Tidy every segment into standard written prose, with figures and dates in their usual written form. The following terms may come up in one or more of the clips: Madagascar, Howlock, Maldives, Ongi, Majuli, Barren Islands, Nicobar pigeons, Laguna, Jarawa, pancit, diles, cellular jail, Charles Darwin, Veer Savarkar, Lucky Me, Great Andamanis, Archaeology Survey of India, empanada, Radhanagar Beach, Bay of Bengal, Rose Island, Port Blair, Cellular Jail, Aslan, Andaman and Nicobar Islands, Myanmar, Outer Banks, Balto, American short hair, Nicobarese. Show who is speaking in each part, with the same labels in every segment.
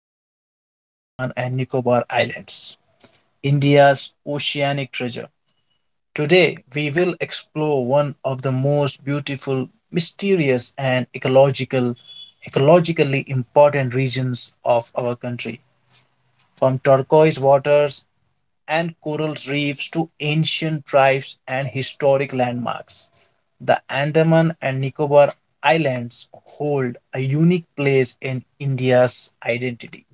Speaker 1: titled Andaman and Nicobar Islands, India's Oceanic Treasure. Today, we will explore one of the most beautiful, mysterious, and ecologically important regions of our country. From turquoise waters and coral reefs to ancient tribes and historic landmarks. The Andaman and Nicobar Islands hold a unique place in India's identity.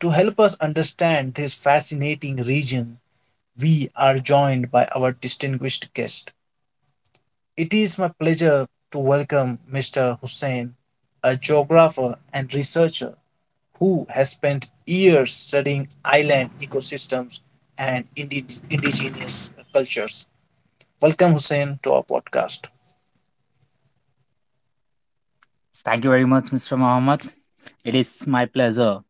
Speaker 1: To help us understand this fascinating region, we are joined by our distinguished guest. It is my pleasure to welcome Mr. Hussain, a geographer and researcher who has spent years studying island ecosystems and indigenous cultures. Welcome, Hussein, to our podcast.
Speaker 2: Thank you very much, Mr. Mohammed. It is my pleasure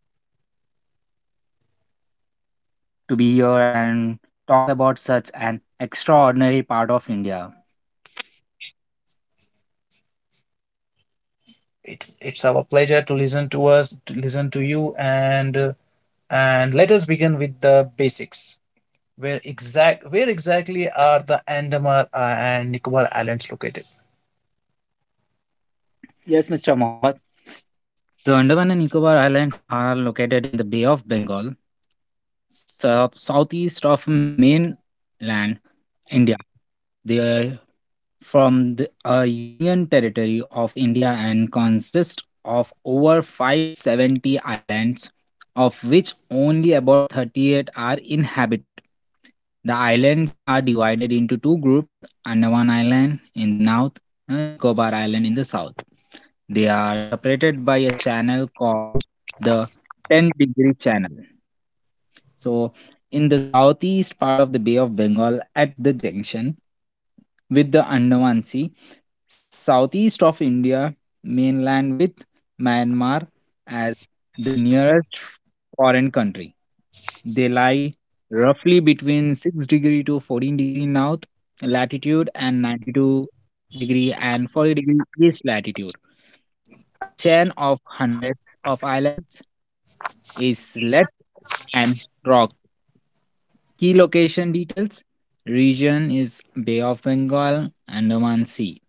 Speaker 2: to be here and talk about such an extraordinary part of India.
Speaker 1: It's our pleasure to listen to us, to listen to you, and let us begin with the basics. Where exactly are the Andaman and Nicobar Islands located?
Speaker 2: Yes, Mr. Mohammed. The Andaman and Nicobar Islands are located in the Bay of Bengal, southeast of mainland India. They from the Union Territory of India and consists of over 570 islands, of which only about 38 are inhabited. The islands are divided into two groups, Andaman Island in the north and Nicobar Island in the south. They are separated by a channel called the 10-degree channel. So, in the southeast part of the Bay of Bengal at the junction with the Andaman Sea, southeast of India mainland with Myanmar as the nearest foreign country. They lie roughly between 6 degree to 14 degree north latitude and 92 degree and 40-degree east latitude. A chain of hundreds of islands is left and rocks. Key location details: region is Bay of Bengal, Andaman Sea.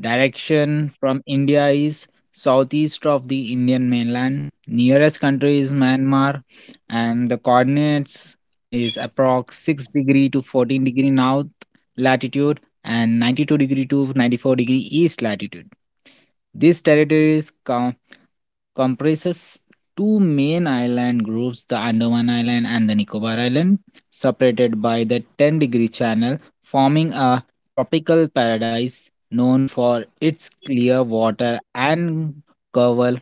Speaker 2: Direction from India is southeast of the Indian mainland. Nearest country is Myanmar, and the coordinates is approx 6 degree to 14 degree north latitude and 92 degree to 94 degree east latitude. This territory is comprises two main island groups, the Andaman Island and the Nicobar Island, separated by the 10-degree channel, forming a tropical paradise known for its clear water and coral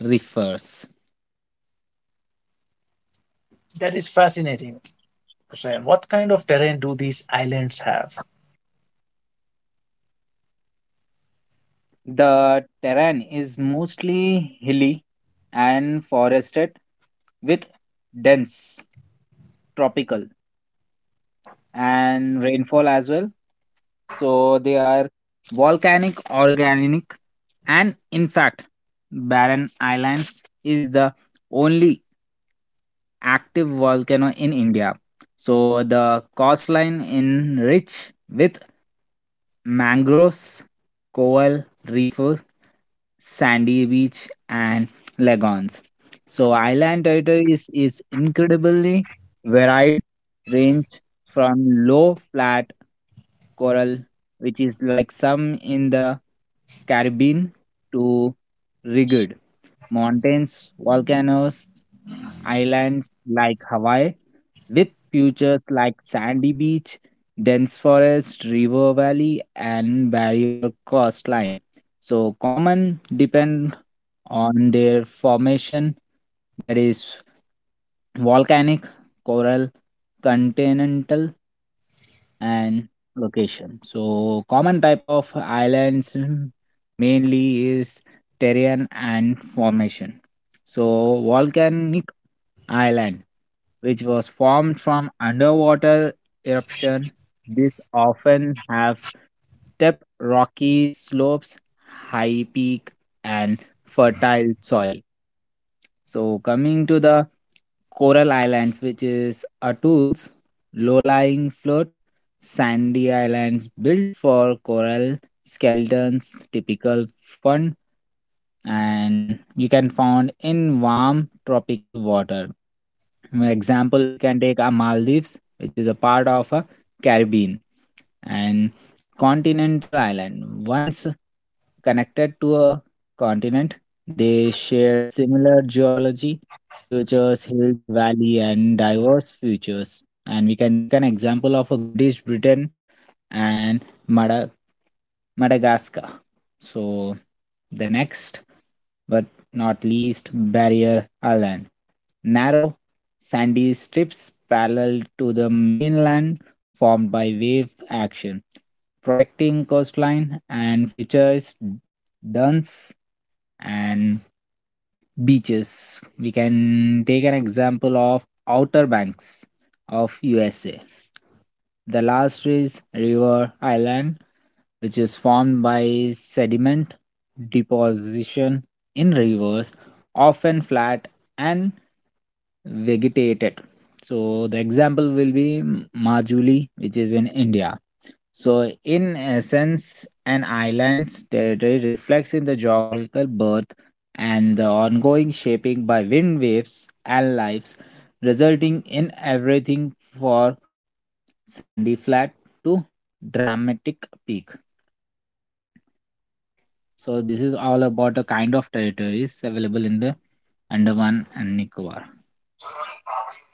Speaker 2: reefs.
Speaker 1: That is fascinating, Hussein. What kind of terrain do these islands have?
Speaker 2: The terrain is mostly hilly and forested with dense tropical and rainfall as well. So they are volcanic, organic, and in fact, Barren Islands is the only active volcano in India. So the coastline in rich with mangroves, coral reefs, sandy beach, and lagoons. So island territory is incredibly varied, range from low flat coral, which is like some in the Caribbean, to rugged mountains, volcanoes, islands like Hawaii, with features like sandy beach, dense forest, river valley, and barrier coastline. So common depend on their formation, that is volcanic, coral, continental, and location. So common type of islands mainly is terrain and formation. So volcanic island which was formed from underwater eruption. These often have steep rocky slopes, high peak, and fertile soil. So coming to the coral islands, which is atolls, low-lying float, sandy islands built for coral skeletons, typical fun and you can found in warm tropical water. For example, we can take a Maldives, which is a part of a Caribbean and continental island. Once connected to a continent, they shared similar geology, features, hills, valley, and diverse features. And we can take an example of a British Britain and Madagascar. So the next but not least, Barrier Island. Narrow, sandy strips parallel to the mainland formed by wave action, protecting coastline and features dunes and beaches. We can take an example of Outer Banks of USA. The last is River Island, which is formed by sediment deposition in rivers, often flat and vegetated. So the example will be Majuli, which is in India. So, in essence, an island's territory reflects in the geographical birth and the ongoing shaping by wind waves and lives, resulting in everything for sandy flat to dramatic peak. So, this is all about the kind of territories available in the Andaman and Nicobar.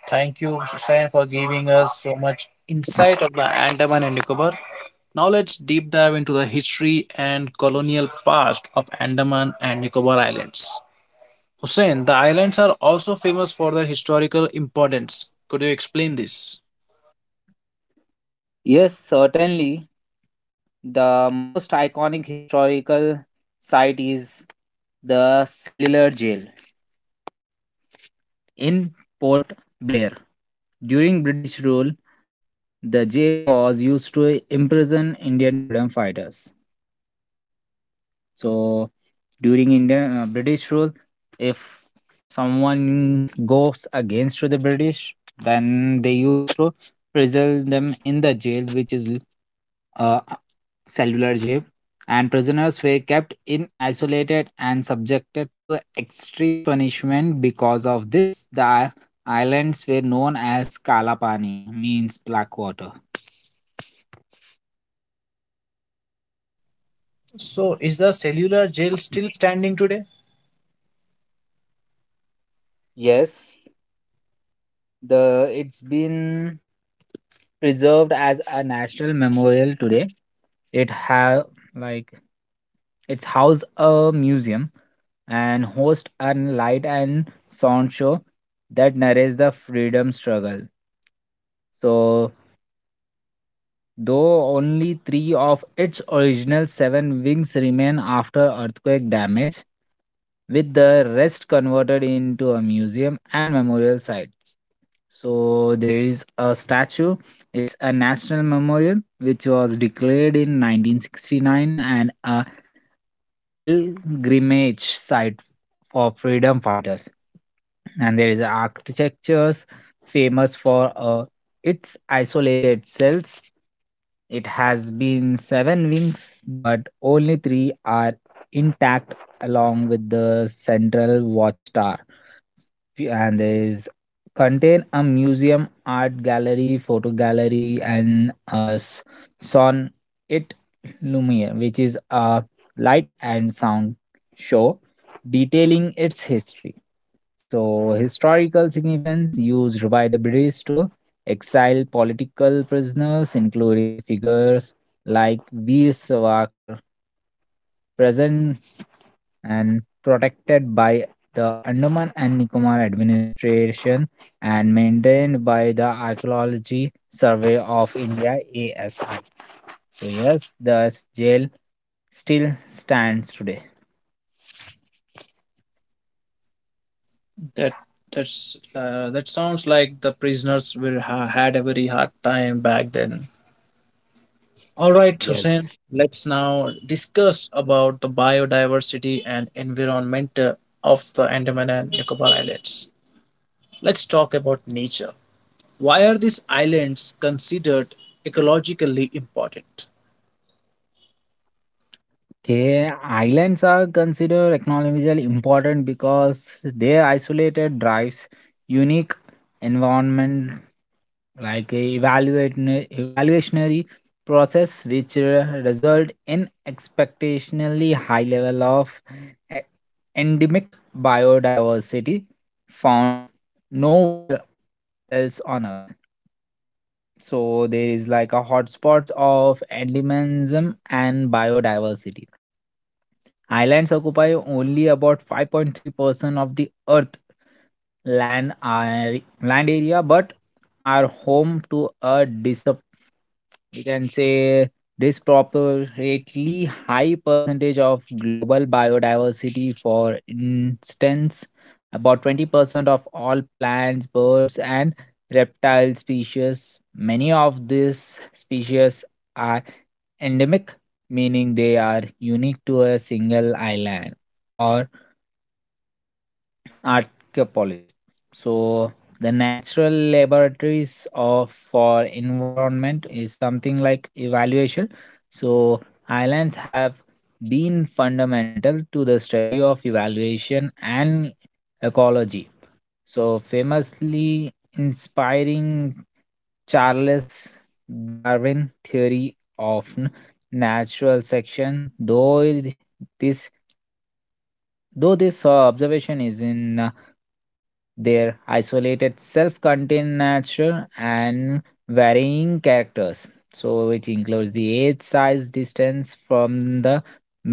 Speaker 1: Thank you, Hussein, for giving us so much insight of the Andaman and Nicobar. Now let's deep dive into the history and colonial past of Andaman and Nicobar Islands. Hussein, the islands are also famous for their historical importance. Could you explain this?
Speaker 2: Yes, certainly. The most iconic historical site is the cellular jail in Port Blair. During British rule, the jail was used to imprison Indian freedom fighters. So during Indian British rule, if someone goes against to the British, then they used to prison them in the jail, which is uh, cellular jail, and prisoners were kept in isolated and subjected to extreme punishment because of this the islands were known as kalapani, means black water.
Speaker 1: So, is the cellular jail still standing today?
Speaker 2: Yes, the it's been preserved as a national memorial today. It have, like, it's house a museum and host a light and sound show that narrates the freedom struggle. So though only three of its original seven wings remain after earthquake damage, with the rest converted into a museum and memorial site. So there is a statue. It's a national memorial which was declared in 1969 and a pilgrimage site for freedom fighters. And there is architectures famous for its isolated cells. It has been seven wings, but only three are intact, along with the central watchtower. And there is contain a museum, art gallery, photo gallery, and a son it Lumiere, which is a light and sound show detailing its history. So, historical significance used by the British to exile political prisoners, including figures like Veer Savarkar, present and protected by the Andaman and Nicobar administration and maintained by the Archaeology Survey of India, ASI. So, yes, the jail still stands today.
Speaker 1: That that sounds like the prisoners were had a very hard time back then. All right, Hussein.
Speaker 2: Yes.
Speaker 1: Let's now discuss about the biodiversity and environment of the Andaman and Nicobar Islands. Let's talk about nature. Why are these islands considered ecologically important?
Speaker 2: Okay, islands are considered economically important because their isolated drives unique environment like a evaluationary process which result in expectationally high level of e- endemic biodiversity found nowhere else on earth. So there is like a hotspots of endemism and biodiversity. Islands occupy only about 5.3% of the Earth land are, land area, but are home to a dis we can say disproportionately high percentage of global biodiversity. For instance, about 20% of all plants, birds, and reptile species. Many of these species are endemic, meaning they are unique to a single island or archipelago. So the natural laboratories of for environment is something like evaluation. So islands have been fundamental to the study of evaluation and ecology, so famously inspiring Charles Darwin theory of natural selection, though this this observation is in their isolated self-contained nature and varying characters, so which includes the age size distance from the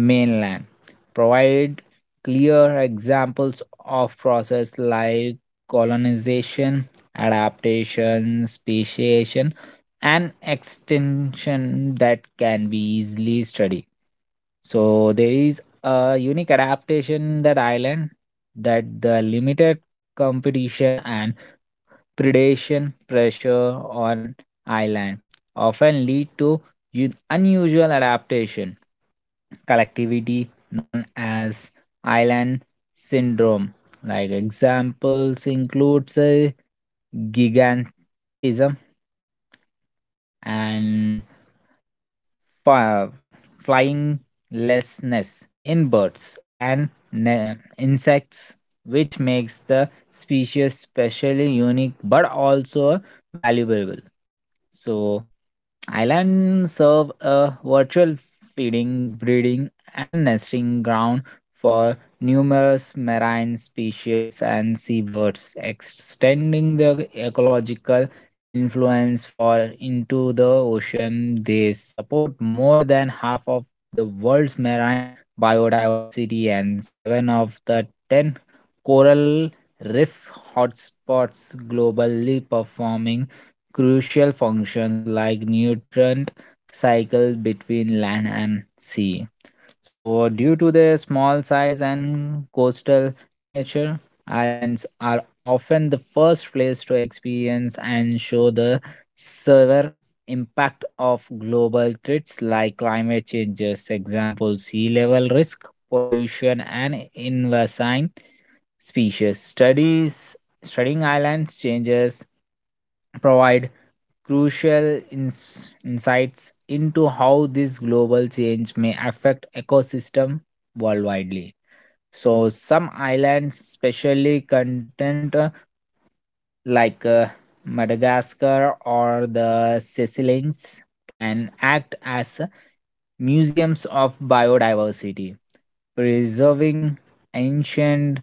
Speaker 2: mainland, provide clear examples of process like colonization, adaptation, speciation, and extinction that can be easily studied. So there is a unique adaptation that island, that the limited competition and predation pressure on island often lead to unusual adaptation collectivity known as island syndrome. Like examples includes gigantism and fi- flyinglessness in birds and insects, which makes the species specially unique but also valuable. So, Islands serve a virtual feeding, breeding, and nesting ground for numerous marine species and seabirds, extending their ecological influence far into the ocean. They support more than half of the world's marine biodiversity and seven of the 10 coral reef hotspots globally, performing crucial functions like nutrient cycle between land and sea. So, due to their small size and coastal nature, islands are often the first place to experience and show the severe impact of global threats like climate changes, example sea level risk, pollution, and invasive species. Studies Studying islands changes provide crucial insights into how this global change may affect ecosystem worldwide. So some islands, especially content like Madagascar or the Seychelles can act as museums of biodiversity, preserving ancient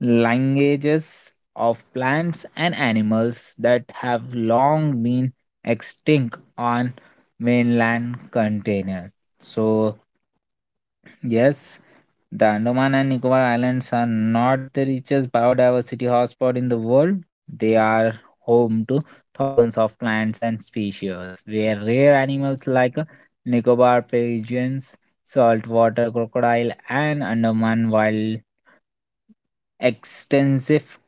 Speaker 2: languages of plants and animals that have long been extinct on mainland container. So yes, the Andaman and Nicobar Islands are not the richest biodiversity hotspot in the world. They are home to thousands of plants and species, where rare animals like Nicobar pigeons, saltwater crocodile, and Andaman wild extensive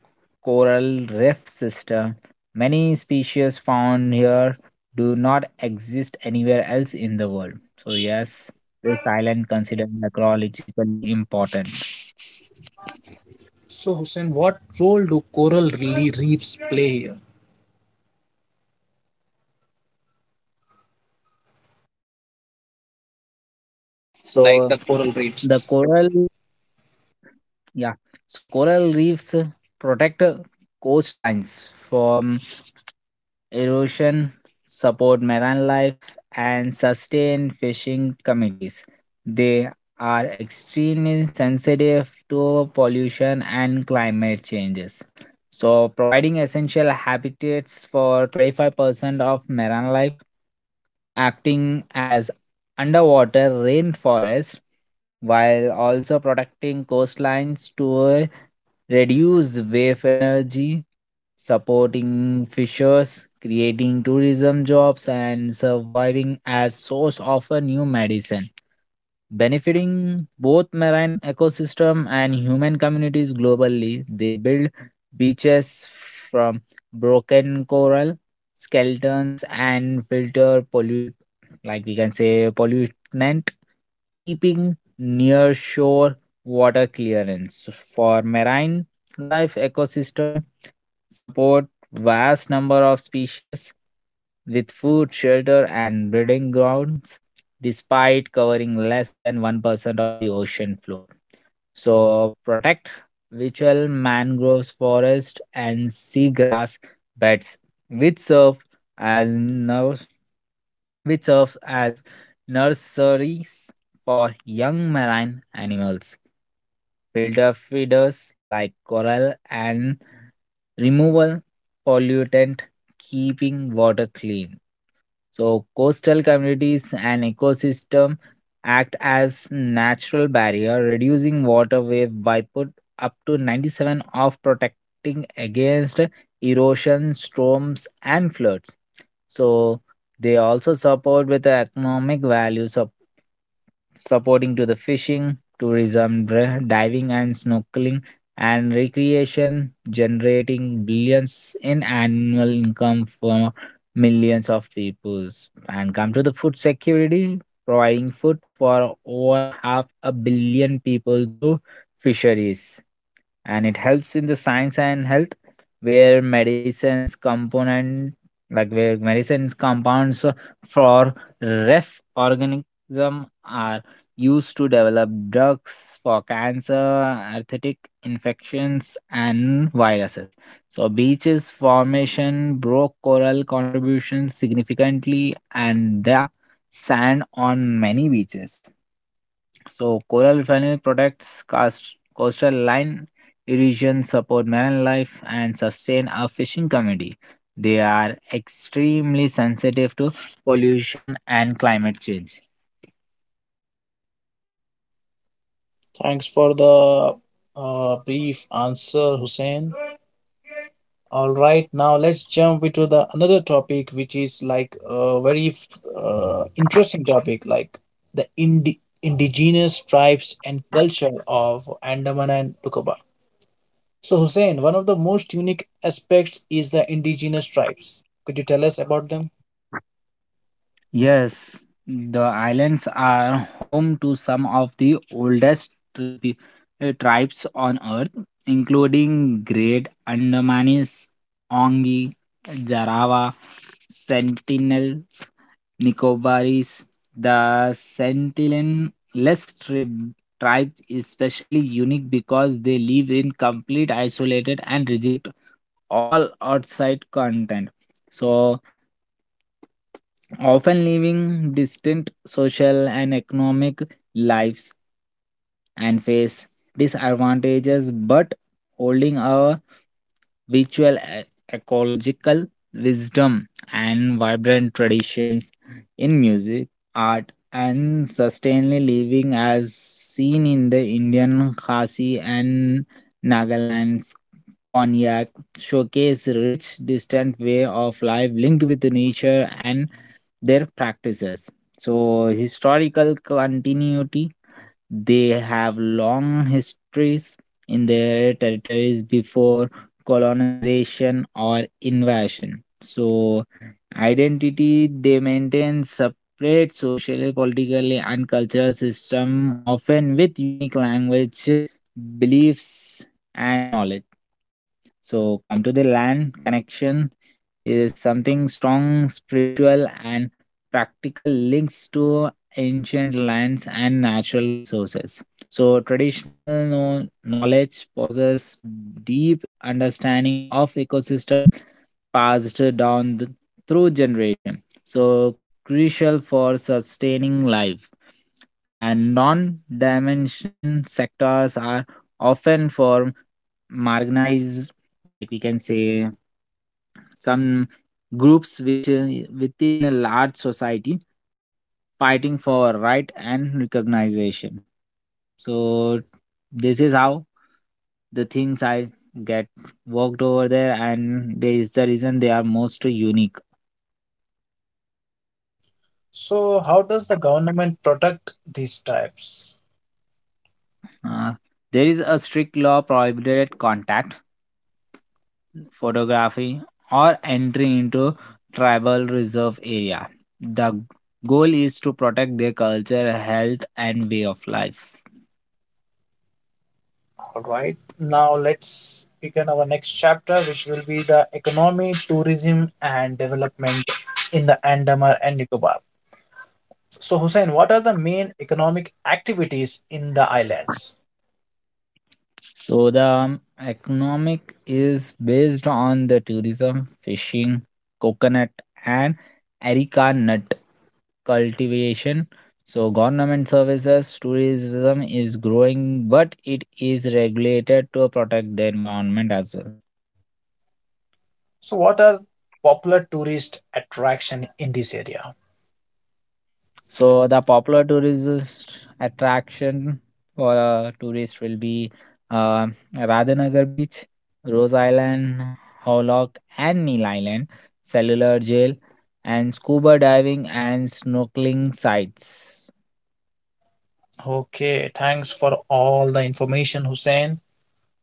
Speaker 2: coral reef system. Many species found here do not exist anywhere else in the world. So yes, this island considered necrologically important.
Speaker 1: So, Hussein, what role do reefs play here? Like
Speaker 2: So
Speaker 1: the coral
Speaker 2: the
Speaker 1: reefs.
Speaker 2: coral, yeah, so coral reefs protect coastlines from erosion, support marine life, and sustain fishing communities. They are extremely sensitive to pollution and climate changes. So, providing essential habitats for 25% of marine life, acting as underwater rainforest while also protecting coastlines to reduce wave energy, supporting fishers, creating tourism jobs, and surviving as source of a new medicine benefiting both marine ecosystem and human communities globally. They build beaches from broken coral, skeletons, and filter pollute, like we can say, pollutant, keeping near shore water clearance. So, for marine life ecosystem, support vast number of species with food, shelter, and breeding grounds despite covering less than 1% of the ocean floor. So, protect virtual mangroves forest and seagrass beds, which serve as nurse, which serves as nurseries for young marine animals. Filter feeders like coral and removal pollutant, keeping water clean. So, coastal communities and ecosystem act as natural barrier, reducing water wave by put up to 97 of protecting against erosion, storms, and floods. So, they also support with the economic value, supporting to the fishing, tourism, diving and snorkeling, and recreation, generating billions in annual income millions of peoples and come to the food security, providing food for over half a billion people through fisheries. And it helps in the science and health, where medicines component where medicines compounds for ref organism are used to develop drugs for cancer arthritic infections and viruses. So beaches formation broke coral contributions significantly and the sand on many beaches. So coral family protects coast, coastal line erosion, support marine life and sustain a fishing community. They are extremely sensitive to pollution and climate change.
Speaker 1: Thanks for the brief answer, Hussein. All right, now let's jump into the another topic, which is like a very interesting topic, like the indigenous tribes and culture of Andaman and Nicobar. So, Hussein, one of the most unique aspects is the indigenous tribes. Could you tell us about them?
Speaker 2: Yes, the islands are home to some of the oldest tribes on earth, including Great Andamanis, Ongi, Jarawa, Sentinels, Nicobaris. The tribe is especially unique because they live in complete isolation and reject all outside content. So, often living distant social and economic lives and face disadvantages but holding a virtual e- ecological wisdom and vibrant traditions in music, art, and sustainably living as seen in the Indian Khasi and Nagaland Cognac showcase rich distant way of life linked with nature and their practices. So, historical continuity, they have long histories in their territories before colonization or invasion. So, identity, they maintain separate socially, politically, and cultural system, often with unique language, beliefs, and knowledge. So, come to the land connection, is something strong, spiritual, and practical links to ancient lands and natural resources. So, traditional knowledge possess deep understanding of ecosystem passed down through generation. So, crucial for sustaining life. And non-dimension sectors are often for marginalized, like we can say, some groups which within a large society fighting for right and recognition. So this is how the things I get worked over there, and there is the reason they are most unique.
Speaker 1: So, how does the government protect these tribes?
Speaker 2: Uh, there is a strict law prohibited contact, photography, or entry into tribal reserve area. The goal is to protect their culture, health, and way of life.
Speaker 1: All right. Now, let's begin our next chapter, which will be the economy, tourism, and development in the Andaman and Nicobar. So, Hussein, what are the main economic activities in the islands?
Speaker 2: So the economic is based on the tourism, fishing, coconut and areca nut cultivation. So government services tourism is growing but it is regulated to protect the environment as well.
Speaker 1: So, what are popular tourist attraction in this area?
Speaker 2: So the popular tourist attraction for tourists will be uh, Radhanagar Beach, Rose Island, Howlock and Neil Island, Cellular Jail, and scuba diving and snorkeling sites.
Speaker 1: Okay, thanks for all the information, Hussein.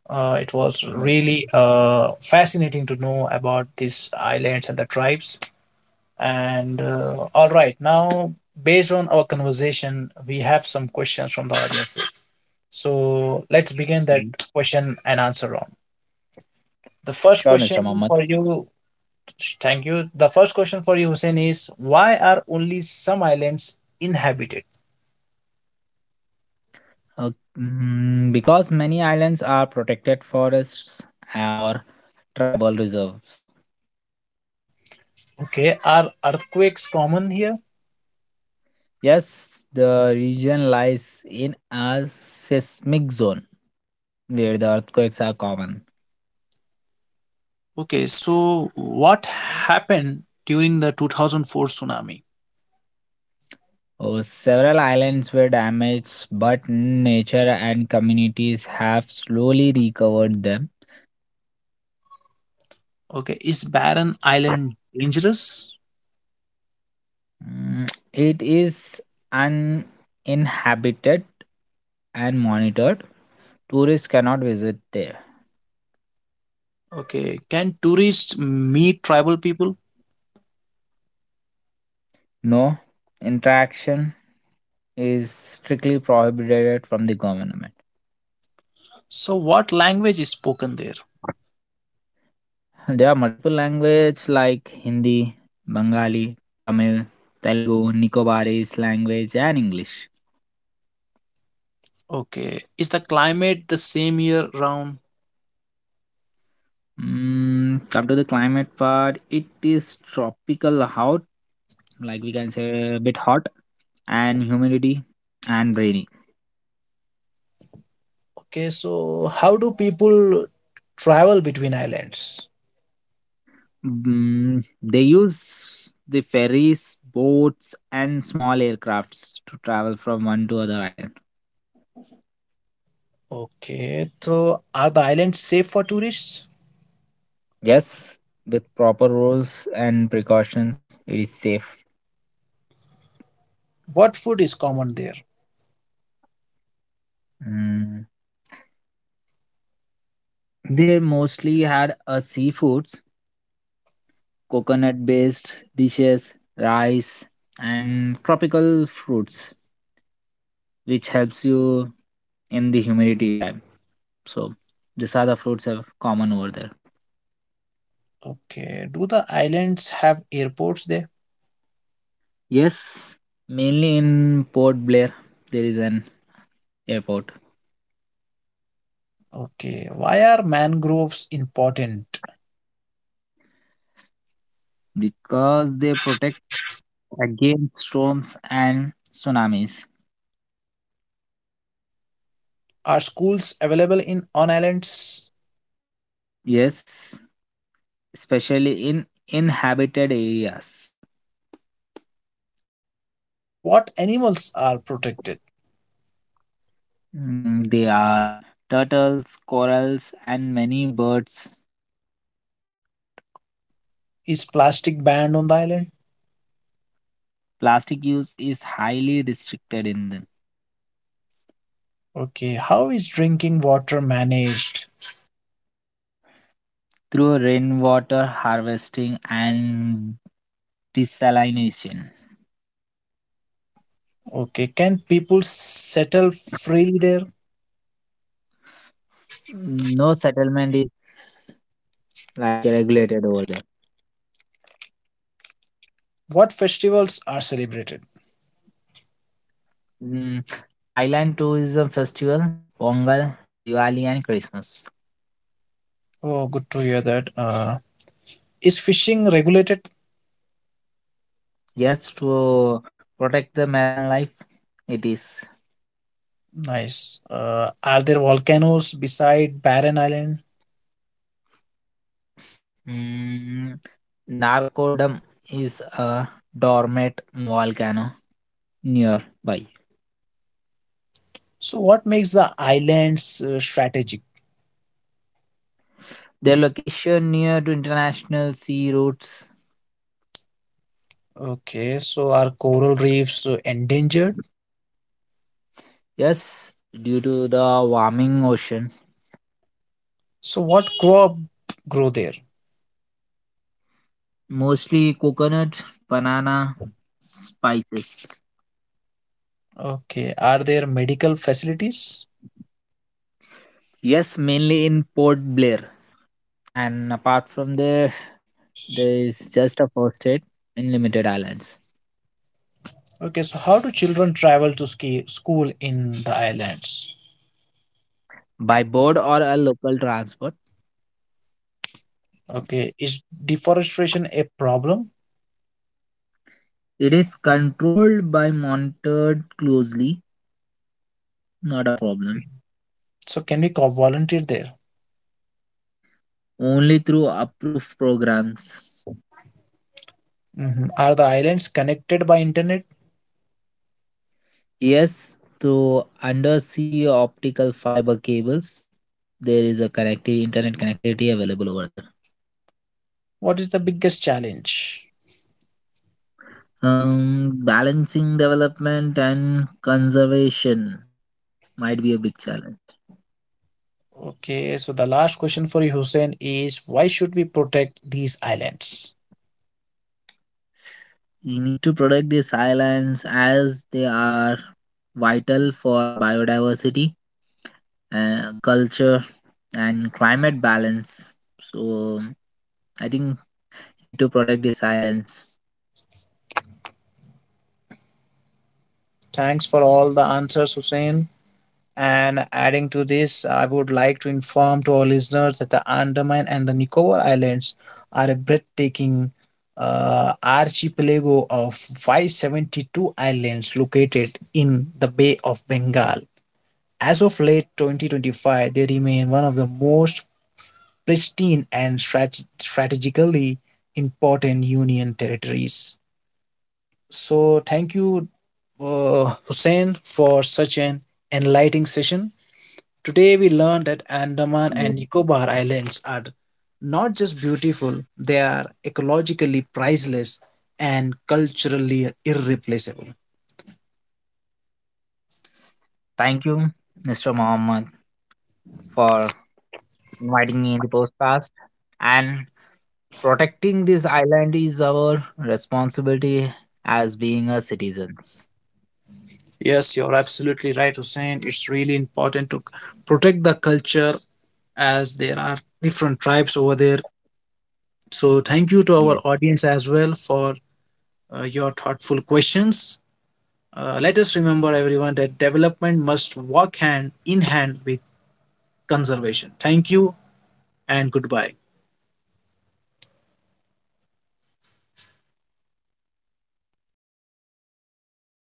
Speaker 1: It was
Speaker 2: Okay.
Speaker 1: really fascinating to know about these islands and the tribes. And All right, now based on our conversation, we have some questions from the audience. So let's begin that question and answer round. The first
Speaker 2: Sure, Mr.
Speaker 1: question
Speaker 2: Mohammed.
Speaker 1: for you, thank you. The first question for you, Hussein, is why are only some islands inhabited?
Speaker 2: Uh, because many islands are protected forests or tribal reserves.
Speaker 1: Okay, are earthquakes common here?
Speaker 2: Yes, the region lies in a seismic zone where the earthquakes are common.
Speaker 1: Okay, so what happened during the 2004 tsunami?
Speaker 2: Oh, several islands were damaged, but nature and communities have slowly recovered them.
Speaker 1: Okay, is barren island dangerous?
Speaker 2: It is uninhabited and monitored. Tourists cannot visit there.
Speaker 1: Okay, can tourists meet tribal people?
Speaker 2: No, interaction is strictly prohibited from the government.
Speaker 1: So, what language is spoken there?
Speaker 2: There are multiple languages like Hindi, Bengali, Tamil, Telugu, Nicobarese language and English.
Speaker 1: Okay, is the climate the same year round?
Speaker 2: Come to the climate part, it is tropical hot, like we can say a bit hot and humidity and rainy.
Speaker 1: Okay, so how do people travel between islands?
Speaker 2: They use the ferries, boats and small aircrafts to travel from one to other island.
Speaker 1: Okay, so are the islands safe for tourists?
Speaker 2: Yes, with proper rules and precautions, it is safe.
Speaker 1: What food is common there?
Speaker 2: Mm, They mostly had a seafoods, coconut based dishes, rice, and tropical fruits, which helps you in the humidity time. So these are the fruits are common over there.
Speaker 1: Okay, do the islands have airports there?
Speaker 2: Yes, mainly in Port Blair there is an airport,
Speaker 1: Okay, why are mangroves important?
Speaker 2: because they protect against storms and tsunamis.
Speaker 1: Are schools available in on islands?
Speaker 2: Yes, especially in inhabited areas.
Speaker 1: So, what animals are protected?
Speaker 2: They are turtles, corals, and many birds.
Speaker 1: Is plastic banned on the island?
Speaker 2: Plastic use is highly restricted in them
Speaker 1: Okay, how is drinking water managed?
Speaker 2: through rainwater harvesting and desalination.
Speaker 1: Okay, can people settle freely there?
Speaker 2: No, settlement is like regulated over there.
Speaker 1: What festivals are celebrated?
Speaker 2: Mm, Island tourism festival, Pongal, Diwali, and Christmas.
Speaker 1: Oh, good to hear that. Is fishing regulated?
Speaker 2: Yes, to protect the marine life, it is.
Speaker 1: Nice. Are there volcanoes beside Barren Island?
Speaker 2: Mm, Narcodum is a dormant volcano nearby.
Speaker 1: So, what makes the islands strategic?
Speaker 2: Their location near to international sea routes.
Speaker 1: Okay, so are coral reefs endangered?
Speaker 2: Yes, due to the warming ocean,
Speaker 1: So, what crop grow there?
Speaker 2: mostly coconut, banana, spices.
Speaker 1: Okay. Are there medical facilities?
Speaker 2: Yes, mainly in Port Blair. And apart from there, there is just a first aid in limited islands.
Speaker 1: Okay. So, how do children travel to ski school in the islands?
Speaker 2: By board or a local transport,
Speaker 1: Okay. Is deforestation a problem?
Speaker 2: it is controlled by monitored closely. Not a problem.
Speaker 1: So, can we volunteer there?
Speaker 2: Only through approved programs.
Speaker 1: Mhm. Are the islands connected by internet?
Speaker 2: Yes, through undersea optical fiber cables, there is a connective internet connectivity available over there.
Speaker 1: What is the biggest challenge?
Speaker 2: Balancing development and conservation might be a big challenge.
Speaker 1: Okay. So, the last question for you, Hussein, is why should we protect these islands?
Speaker 2: We need to protect these islands as they are vital for biodiversity, culture, and climate balance. So I think need to protect the silence.
Speaker 1: Thanks for all the answers, Hussein. And adding to this, I would like to inform to our listeners that the Andaman and the Nicobar Islands are a breathtaking archipelago of 572 islands located in the Bay of Bengal. As of late 2025, they remain one of the most pristine and strategically important Union territories. So, thank you, Hussein, for such an enlightening session. Today we learned that Andaman
Speaker 2: Yeah,
Speaker 1: and
Speaker 2: okay.
Speaker 1: Nicobar Islands are not just beautiful, they are ecologically priceless and culturally irreplaceable.
Speaker 2: Thank you, Mr. Mohammed, for inviting me in the podcast. And protecting this island is our responsibility as being a citizens.
Speaker 1: Yes, you're absolutely right, Hussein. It's really important to protect the culture as there are different tribes over there. So, thank you to our
Speaker 2: Yes.
Speaker 1: audience as well for your thoughtful questions. Let us remember, everyone, that development must walk hand in hand with conservation. Thank you and goodbye.